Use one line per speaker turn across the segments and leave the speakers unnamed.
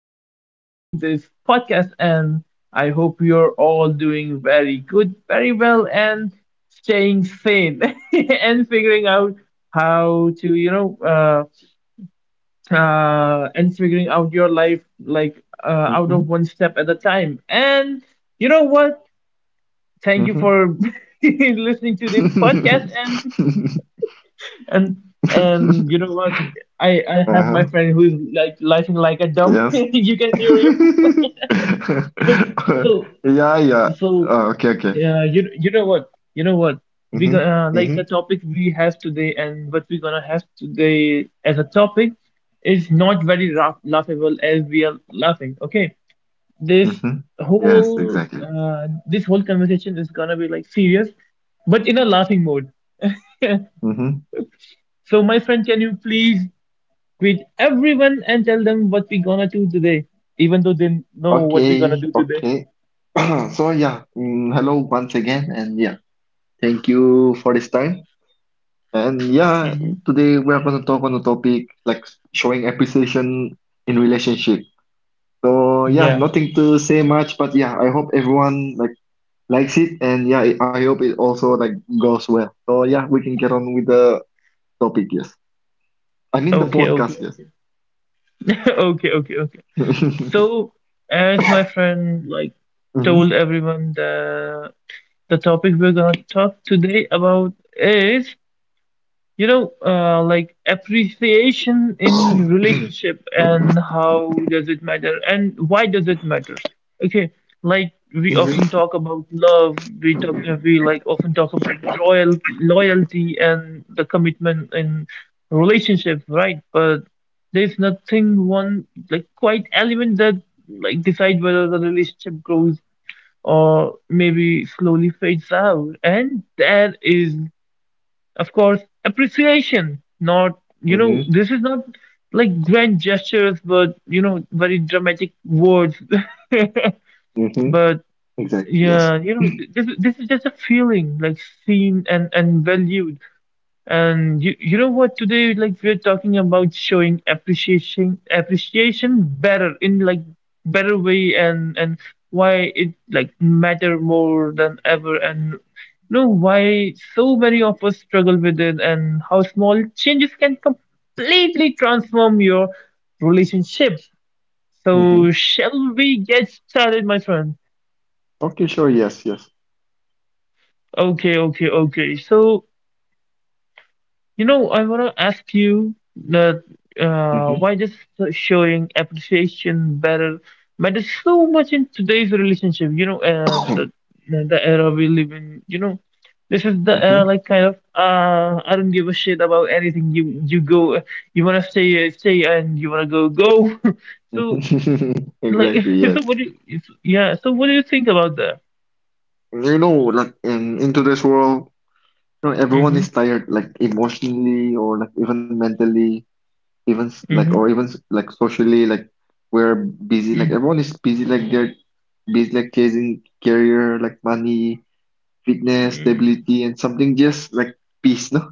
welcome back to this podcast. And I hope you're all doing very good, very well, and staying sane and figuring out how to, you know, and figuring out your life like out of
Mhm,
one step at a time. And you know what? Thank you
mhm.
for listening to this podcast. And and you know what? I have my
Uh-huh.
friend who is like laughing like a dumb.
Yes.
You can hear him. So so
Yeah, yeah.
so,
Oh, okay, okay.
yeah. You know what? You know what? We
Mm-hmm.
gonna like the
Mm-hmm.
topic we have today, and what we're gonna have today as a topic is not very laughable as we are laughing. Okay, this
Mm-hmm. Yes,
whole
exactly.
conversation is gonna be like serious, but in a laughing mode.
Mm-hmm.
So my friend, can you please greet everyone and tell them what we gonna do today, even though they know what we gonna
Okay,
do today.
okay. So yeah, hello once again, and yeah, thank you for this time. And yeah,
Hmm.
today we are going to talk on the topic like showing appreciation in relationship. So yeah,
Yeah.
nothing to say much, but yeah, I hope everyone like likes it, and yeah, I hope it also like goes well. So yeah, we can get on with the topic. Yes, I mean the
Okay. Okay.
podcast. Yes.
Okay. Okay. Okay. So, as my friend like
Hmm.
told everyone, the topic we're gonna talk today about is you know like appreciation in relationship, and how does it matter and why does it matter. Okay, like we often
Hmm.
talk about love, we like often talk about loyalty and the commitment in relationship, right? But there's nothing one like quite element that like decide whether the relationship grows or maybe slowly fades out, and that is of course appreciation. Not, you know,
Hmm.
this is not like grand gestures, but you know, very dramatic words.
Hmm.
But
Exactly. Yes.
yeah, you know, this is just a feeling like seen and valued. And you know what? Today, like we're talking about showing appreciation better in like better way, and why it like matter more than ever, and you know why so many of us struggle with it, and how small changes can completely transform your relationship.
Hmm.
So, shall we get started, my friend?
Okay. Sure. Yes. Yes.
Okay, okay, okay. So, you know, I want to ask you that
Hmm.
why just showing appreciation better matters so much in today's relationship. You know, the era we live in. You know, this is the era
Hmm.
like kind of I don't give a shit about anything. You go, you wanna stay, and you wanna go. So like,
Exactly.
so
Yes.
what do you, yeah? So what do you think about that?
Like in today's world, everyone
Mm-hmm.
is tired, like emotionally or like even mentally. Even like or
Mm-hmm.
even like socially like we're busy, like
Mm-hmm.
everyone is busy, like they're busy like chasing career, like money, fitness,
Mm-hmm.
stability, and something just like peace. No,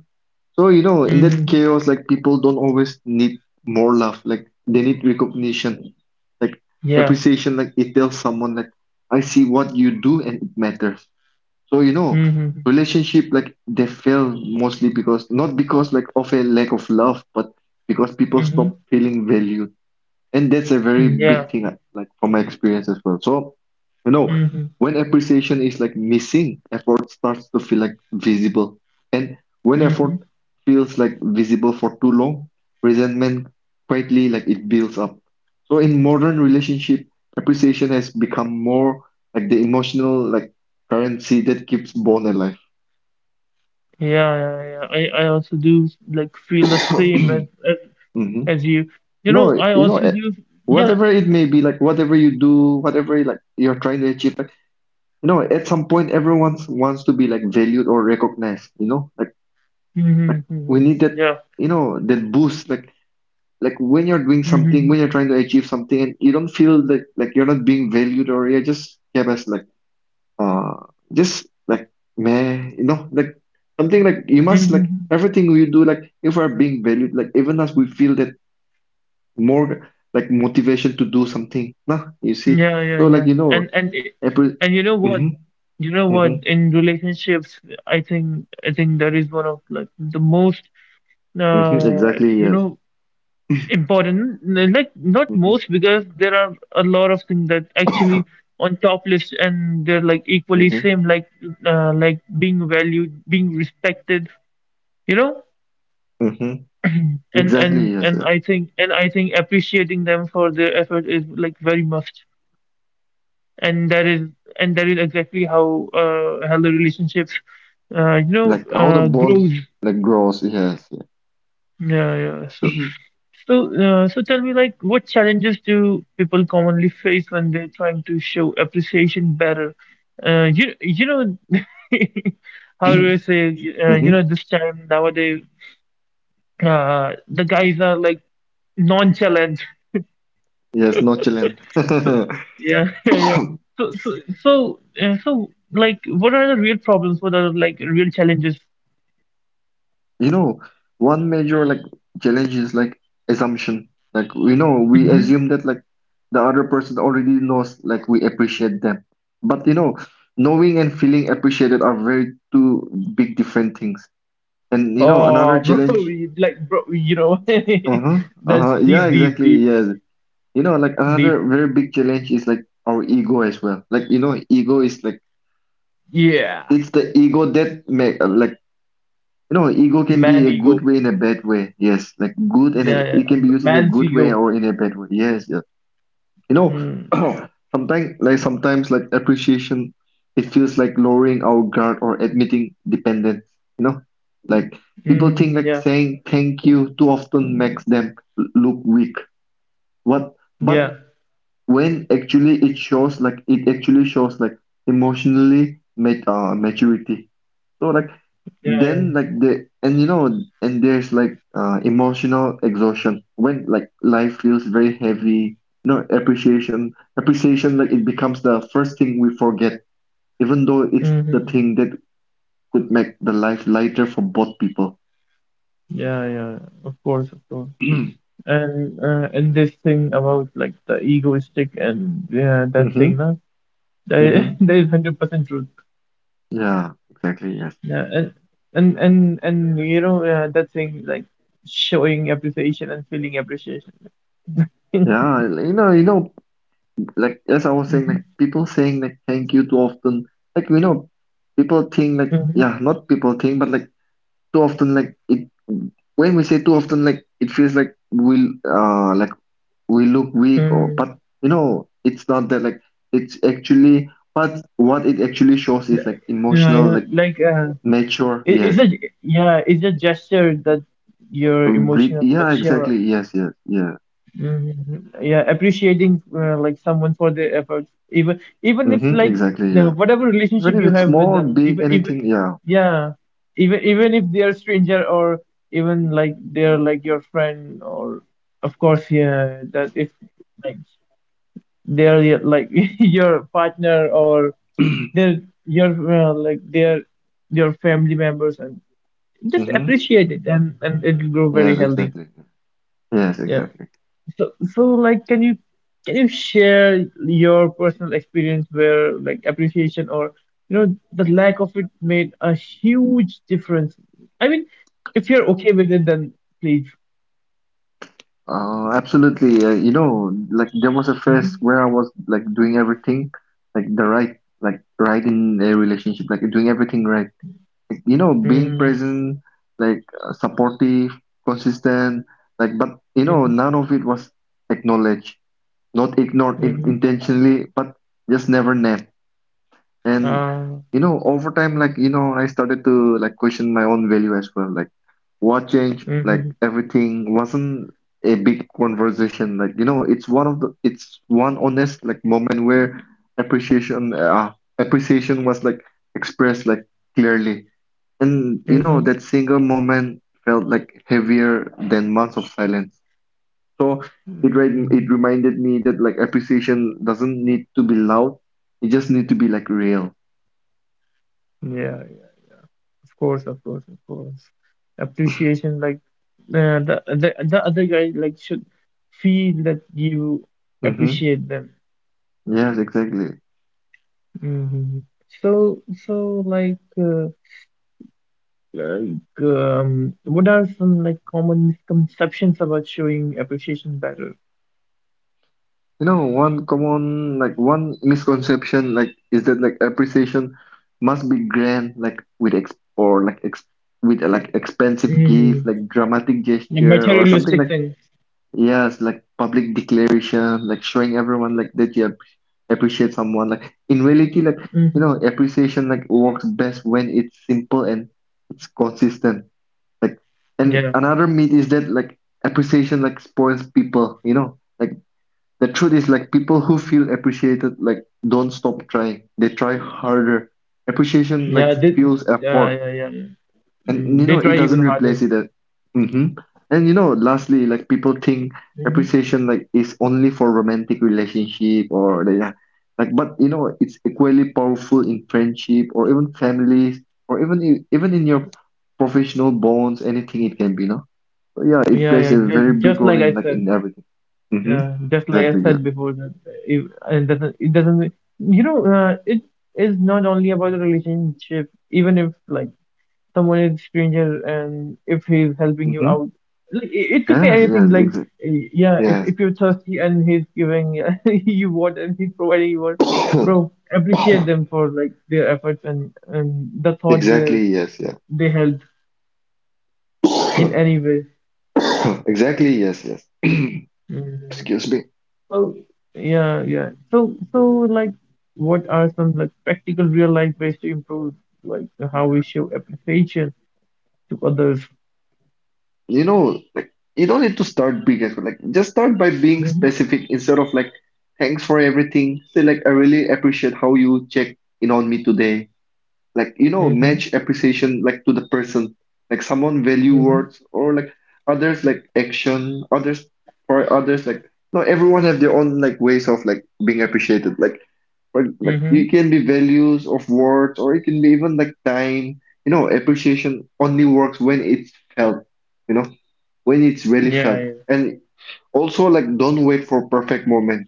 so in that
Mm-hmm,
chaos like people don't always need more love, like they need recognition, like
yeah.
appreciation. Like it tells someone like I see what you do and it matters. So
Mm-hmm.
relationship like they fail mostly because not because like of a lack of love, but because people
Mm-hmm.
stop feeling valued. And that's a very
Mm-hmm, yeah.
big thing like from my experience as well. So you know
Mm-hmm.
when appreciation is like missing, effort starts to feel like visible. And when effort
Mm-hmm.
feels like visible for too long, resentment quietly like it builds up. So in modern relationship, appreciation has become more like the emotional like currency that keeps bond alive.
Yeah, yeah, yeah. I also do like feel the same as as,
Hmm.
as you. You know,
No,
I also do. Yeah.
whatever it may be, like whatever you do, whatever like you're trying to achieve, at some point, everyone wants to be like valued or recognized. Like
Mm-hmm.
we need
Mm-hmm.
that.
Yeah.
That boost. like when you're doing something,
Mm-hmm.
when you're trying to achieve something, and you don't feel that like you're not being valued or you're just kept as like uh just like meh. Like something like you must like
Mm-hmm.
everything we do. Like if we're being valued, like even as we feel that more like motivation to do something. Nah, you see.
Yeah, yeah,
So like
yeah. And it,
every.
and you know what?
Mm-hmm,
You know
mm-hmm,
what? In relationships, I think that is one of like the most
mm-hmm,
uh
exactly.
you
Yes.
know important like not
Mm-hmm.
most, because there are a lot of things that actually on top list and they're like equally
Hmm.
same, like being valued, being respected, you know.
Hmm.
and
Exactly,
and
yes,
and
yeah.
I think appreciating them for their effort is like very must, and that is exactly how the relationships
Like how the bones
grows.
like grows, yes,
Yeah, yeah. So, tell me, like, what challenges do people commonly face when they're trying to show appreciation better? You, you know,
yeah.
how do I say,
Hmm.
you know, this time nowadays, the guys are like nonchalant.
Yes, no challenge.
Yeah, yeah, yeah. So, like, what are the real problems? What are like real challenges?
You know, one major like challenge is like assumption. Like we know we
Hmm.
assume that like the other person already knows like we appreciate them. But knowing and feeling appreciated are very two big different things. And another
Oh, bro,
challenge.
like, bro, you know,
Uh-huh.
that's
Uh-huh. Yeah,
deep, deep,
exactly.
deep,
Yes. Like
deep.
another very big challenge is like our ego as well. Like, ego is like
Yeah,
it's the ego that make like ego can
man
be a
ego.
good way and a bad way. Yes, like good and
Yeah,
a,
yeah.
it can be
The
used in a
Man
good way
Figo.
or in a bad way. Yes, yeah. You know,
Mm.
sometimes like appreciation, it feels like lowering our guard or admitting dependence. You know, like
Hmm.
people think
Mm-hmm.
like
Yeah,
saying thank you too often makes them look weak. What? But
yeah,
when actually it shows like it actually shows like emotionally maturity. So like
yeah, yeah.
then like the and you know and there's like emotional exhaustion when like life feels very heavy. No, appreciation like it becomes the first thing we forget, even though it's the
Hmm.
thing that could make the life lighter for both people.
Yeah, yeah. Of course, of course. And this thing about like the egoistic and yeah, that thing,
Mm-hmm,
no? That
mm-hmm.
that is 100% truth.
Yeah, exactly, yes,
Yeah, and you know that thing like showing appreciation and feeling appreciation.
yeah. Like as I was saying,
Mm-hmm.
like people saying like thank you too often. Like we know people think like
Mm-hmm.
yeah, not people think, but like too often like it, when we say too often like it feels like we look weak or,
Mm.
but it's not that, like it's actually, but what it actually shows
Yeah,
is like emotional
yeah,
like
like
mature,
it, it's
yes.
a yeah, it's a gesture that you're emotional, but
Yeah,
yeah,
exactly, yes, yes, yeah.
mhm, yeah, appreciating like someone for their efforts, even if
Mm-hmm,
like
exactly,
the
yeah.
whatever relationship
Even if
you
it's
have with
small,
them,
big,
even even
anything, yeah.
yeah, even if they are stranger or even like they're like your friend, or of course yeah, that if like they're your- like your partner, or they're your like they're your family members, just
Mm-hmm,
appreciate it and it'll grow very
yes,
healthy.
exactly, yeah. Yes,
Yeah,
exactly.
so so like, can you share your personal experience where like appreciation, or you know, the lack of it made a huge difference? I mean, if you're okay with it then, please.
Absolutely. Like there was a phase
Mm-hmm.
where I was like doing everything, like right in a relationship, like doing everything right. Like, being
Mm-hmm.
present, like supportive, consistent, like but
Mm-hmm.
none of it was acknowledged, not ignored in
Mm-hmm.
intentionally, but just never named. And
Ah.
over time, like I started to like question my own value as well. Like what changed, like
Mm-hmm.
everything wasn't a big conversation. Like it's one of the it's one honest like moment where appreciation uh, appreciation was like expressed like clearly. And
Mm-hmm.
that single moment felt like heavier than months of silence. So it it
Mm-hmm.
reminded me that like appreciation doesn't need to be loud. It just need to be like real.
Yeah. Of course, of course, of course. Appreciation, like the, the other guy, like should feel that you appreciate them.
Yes, exactly.
Hmm. So like uh, like what are some like common misconceptions about showing appreciation better?
One common, like one misconception, like is that like appreciation must be grand, like with ex or like ex with a, like expensive gift,
Hmm.
like dramatic
The
gesture or something
materialistic
like
things.
yes, like public declaration, like showing everyone like that you appreciate someone. Like in reality, like
Hmm.
appreciation like works best when it's simple and it's consistent. Like and
Yeah,
another myth is that like appreciation like spoils people. Like the truth is like people who feel appreciated like don't stop trying, they try harder. Appreciation like
yeah, they,
fuels
yeah,
effort,
yeah, yeah.
and
Mm, they
it
try even
doesn't
harder.
replace it. Mm-hmm. And lastly like people think
Hmm.
appreciation like is only for romantic relationship or like but it's equally powerful in friendship or even families, or even in your professional bonds, anything it can be, no. So yeah, it
Yeah,
plays
yeah.
a very big
Just
role
like I
in like in
said.
everything. Mm-hmm.
Yeah, just like I
Exactly, yeah.
said before, that it doesn't, you know, it is not only about the relationship, even if like someone is stranger and if he's helping you
Mm-hmm.
out, like it could be
Yes,
anything.
yes,
Like,
exa
eh, yeah,
yes.
if you're thirsty and he's giving you water and he's providing you water, bro, appreciate them for like their efforts and the thought
Exactly, yes, yes.
they held in any way.
Exactly, yes, yes.
Mm-hmm.
Excuse me.
So yeah, yeah. So like, what are some like practical real life ways to improve like how we show appreciation to others?
Like you don't need to start big as well. Like just start by being
Mm-hmm.
specific instead of like thanks for everything. Say like I really appreciate how you checked in on me today. Like,
Mm-hmm.
match appreciation like to the person. Like someone value
Mm-hmm.
words or like others like action, others for others like no, everyone have their own like ways of like being appreciated. Like but like
Mm-hmm.
it can be values of words, or it can be even like time. Appreciation only works when it's felt. You know, when it's really
Yeah,
felt.
yeah.
And also, like, don't wait for perfect moment.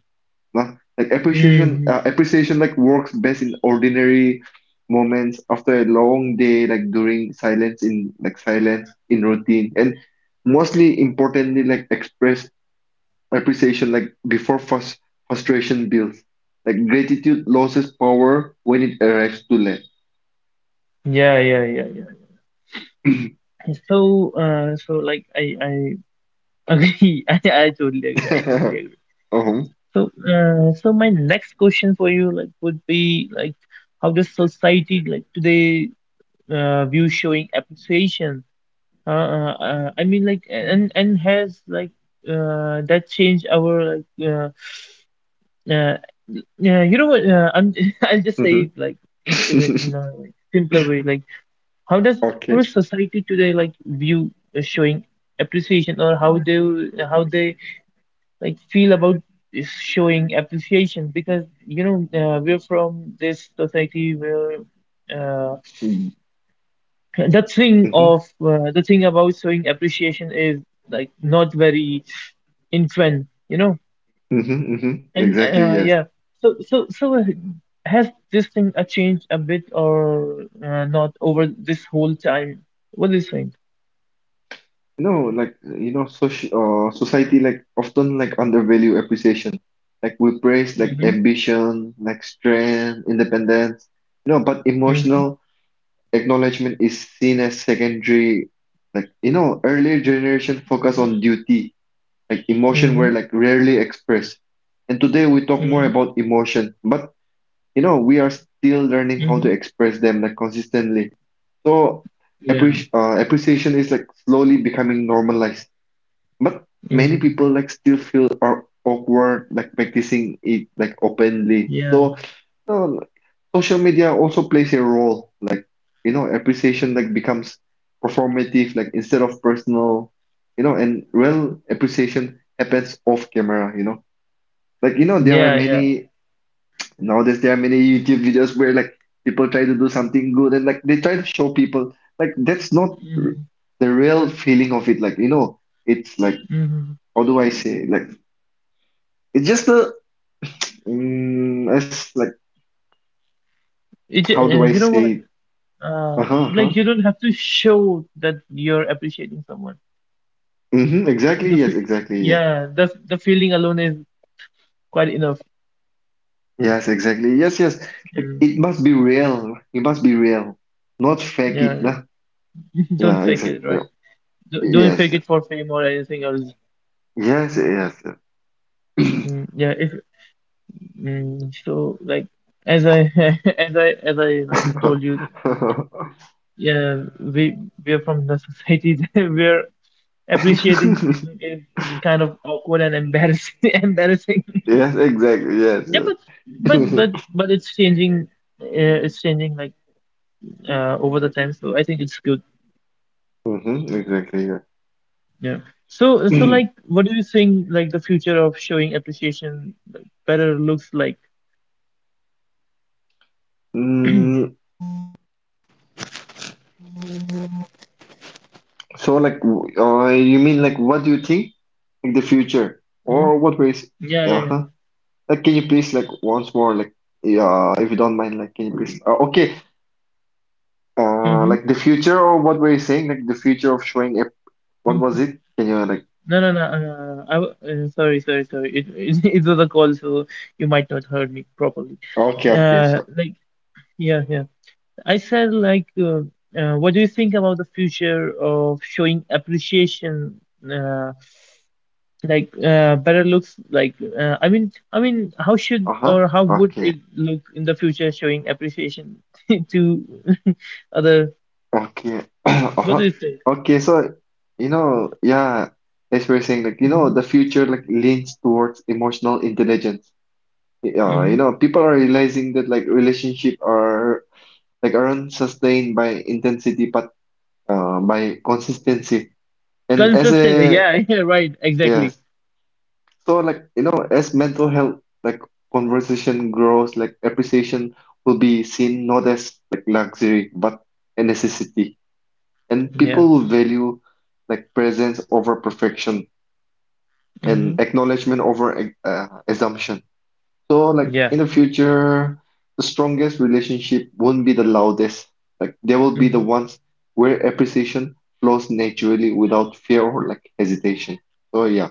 No? Like appreciation, uh,
Mm-hmm.
appreciation like works best in ordinary moments, after a long day, like during silence in routine, and mostly importantly, like expressed appreciation like before frustration builds, like gratitude loses power when it arrives too late.
Yeah, yeah, yeah, yeah. So like I agree. I totally agree. I totally
Uh-huh.
agree. So my next question for you like would be like, how does society like today view showing appreciation? I mean, like, and has like that changed our like uh yeah, you know what? I'm I'll just say
Mhm.
it like in a like simpler way. Like, how does how
Okay.
does society today like view showing appreciation, or how they like feel about is showing appreciation? Because you know we're from this society where uh the thing
Mm-hmm.
of the thing about showing appreciation is like not very influence, you know.
Mm-hmm. Hmm.
And
Exactly, yes.
yeah, so has this thing changed a bit or not over this whole time? What do you think?
No, like society like often like undervalue appreciation, like we praise like
Mm-hmm.
ambition, like strength, independence, but
Mm-hmm.
emotional acknowledgement is seen as secondary. Like, earlier generation focus on duty, like emotion
Mm-hmm.
were like rarely expressed. And today we talk more
Mm-hmm.
about emotion, but we are still learning how to
Mm-hmm.
express them like consistently. So
Yeah.
appreciation is like slowly becoming normalized. But many people
Mm-hmm.
like still feel are awkward like practicing it like openly.
Yeah.
so like, social media also plays a role. Like, appreciation like becomes performative, like instead of personal, and real appreciation happens off camera. Like, there are
Yeah. Yeah.
many nowadays there are many YouTube videos where like people try to do something good, and like they try to show people like that's not
Mm-hmm.
the real feeling of it. Like, it's like
Mm-hmm.
how do I say, like it's just a it's like
It,
how do I
you know what?
say it?
Uh, like you don't have to show that you're appreciating someone.
Mm-hmm, exactly.
The
Yes,
f-
exactly. Yeah.
yeah, the feeling alone is quite enough.
Yes, exactly. Yes, yes. It,
Yeah.
it must be real. It must be real, not fake it.
Yeah.
Lah.
Don't
Yeah,
fake
exactly.
it,
Yeah.
right? D- don't
Yes,
fake
yeah.
it for fame or anything else.
Yes, yes. Yeah.
Mm, yeah, if mm, so, like as I as I like told you, yeah, we are from the society that we're appreciating thing is kind of awkward and embarrassing. Embarrassing.
Yes, exactly. Yes,
Yeah, but
yes.
but it's changing. It's changing like over the time, so I think it's good.
Mm-hmm, exactly. Yeah.
Yeah. So like, what do you think like the future of showing appreciation like better looks like?
Mm, so, like, you mean like, what do you think, like the future,
Hmm?
or what ways?
Yeah, yeah, yeah.
Yeah. Huh? Like, can you please like once more, like, yeah, if you don't mind, like, can you please? Okay.
Mm-hmm.
Like the future, or what were you saying? Like the future of showing up.
Mm-hmm.
What was it? Can you like?
No, no, no. Sorry, sorry, sorry. It it was a call, so you might not heard me properly.
Okay, okay, sure.
Like, yeah, yeah. I said like, what do you think about the future of showing appreciation? Uh, like better looks like I mean, how should, or
Uh-huh.
how would
Okay.
it look in the future showing appreciation to other,
Okay.
what do
Uh-huh.
you think?
Okay. So, yeah, as we're saying, like,
Mm-hmm.
the future like leans towards emotional intelligence. Yeah,
Mm-hmm.
people are realizing that like relationship aren't sustained by intensity, but by consistency. And as
Consistent,
a,
yeah, yeah, right, exactly.
yes. So like as mental health like conversation grows, like appreciation will be seen not as like luxury but a necessity, and
Yeah.
people will value like presence over perfection,
Mm-hmm.
and acknowledgement over assumption. So like
Yeah.
in the future, the strongest relationship won't be the loudest. Like they will be the
Mm-hmm.
ones where appreciation flows naturally without fear or like hesitation. So yeah,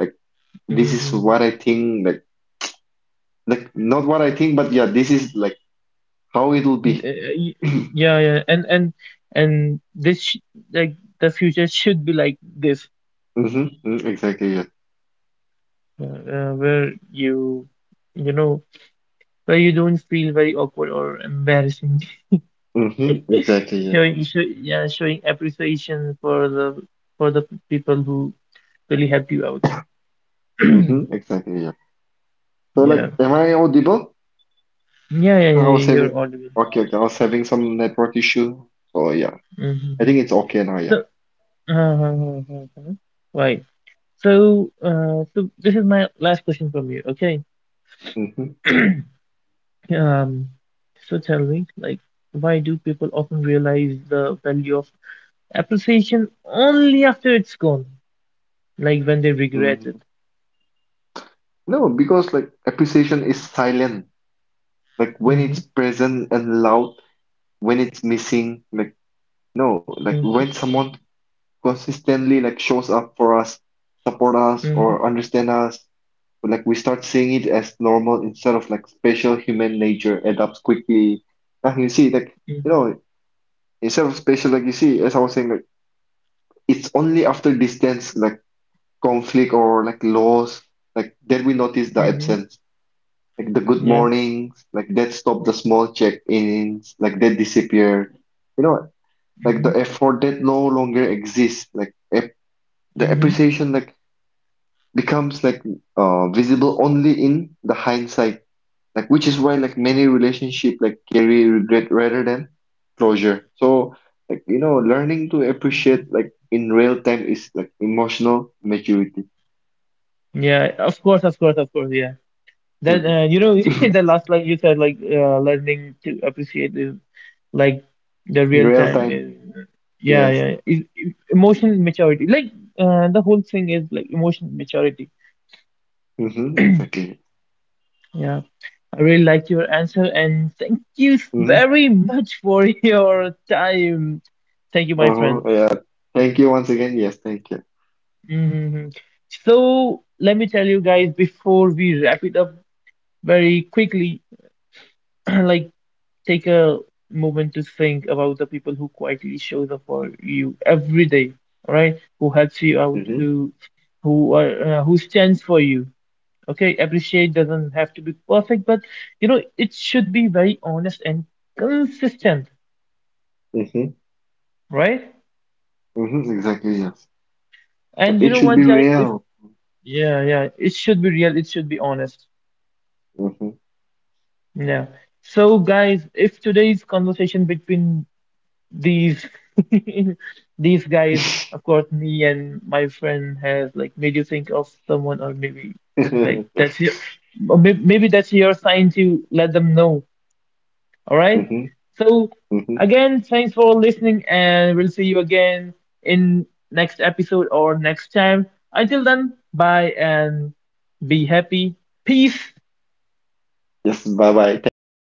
like
Mm-hmm.
this is what
Mm-hmm.
I think. Like not what I think, but yeah, this is like how it'll be.
Y Yeah, yeah. And this sh like the future should be like this,
Mm-hmm, mm, exactly, yeah.
where you know where you don't feel very awkward or embarrassing,
Mm-hmm, exactly, yeah.
yeah, showing appreciation for the people who really helped you out.
Mm-hmm, exactly, yeah. So
Yeah.
like, am I audible?
Yeah, yeah,
No, I
yeah.
was having
You're audible.
okay, okay, I was having some network issue. So yeah, I
Mm-hmm.
think it's okay now,
So,
yeah.
uh, uh, uh, uh, uh. Right. So, this is my last question from you. Okay.
Mm-hmm,
Um, so, tell me, like, why do people often realize the value of appreciation only after it's gone, like when they regret it?
mm-hmm. No, because like appreciation is silent. Like when
Mm-hmm.
it's present and loud, when it's missing, like no, like when
Mm-hmm.
someone consistently like shows up for us, support us,
Mm-hmm.
or understand us. But like we start seeing it as normal instead of like special, human nature adapts quickly. And you see, like, you
Mm-hmm.
know, instead of special, like you see, as I was saying, like, it's only after distance, like conflict or like loss, like that we notice the
Mm-hmm,
absence. Like the good
yeah.
mornings, like that stop, the small check-ins, like that disappear. You know, like the
Mm-hmm.
effort that no longer exists, like ap the
Mm-hmm. Mm-hmm,
appreciation like becomes like visible only in the hindsight, like which is why like many relationship like carry regret rather than closure. So like learning to appreciate
mm-hmm.
like in real time is like emotional maturity.
Yeah. Of course. Of course. Of course. Yeah. That
Mhm.
you know, the last line you said like learning to appreciate is like the
In
real
real
time
time,
is yeah,
yes.
yeah, is emotional maturity, like the whole thing is like emotional maturity.
Mm-hmm, exactly.
Yeah, I really liked your answer, and thank you
Mm-hmm.
very much for your time. Thank you, my
Uh-huh,
friend.
yeah. Thank you once again, yes, thank you.
Hmm. So let me tell you guys before we wrap it up very quickly. Like, take a moment to think about the people who quietly shows up for you every day, all right? Who helps you out,
Mm-hmm,
who are who stands for you. Okay, appreciate doesn't have to be perfect, but you know it should be very honest and consistent,
mm-hmm,
right?
mm-hmm, exactly, yes. Like,
And you
it
know
should be
what, guys? If
real.
yeah, yeah, it should be real. It should be honest.
Mm-hmm.
Yeah. So, guys, if today's conversation between these these guys, of course me and my friend, has like made you think of someone, or maybe like
Mm-hmm,
that's your, or maybe that's your sign to let them know, all right? So
mm-hmm.
again, thanks for listening, and we'll see you again in next episode or next time. Until then, bye, and be happy. Peace.
Yes, bye bye, thank you.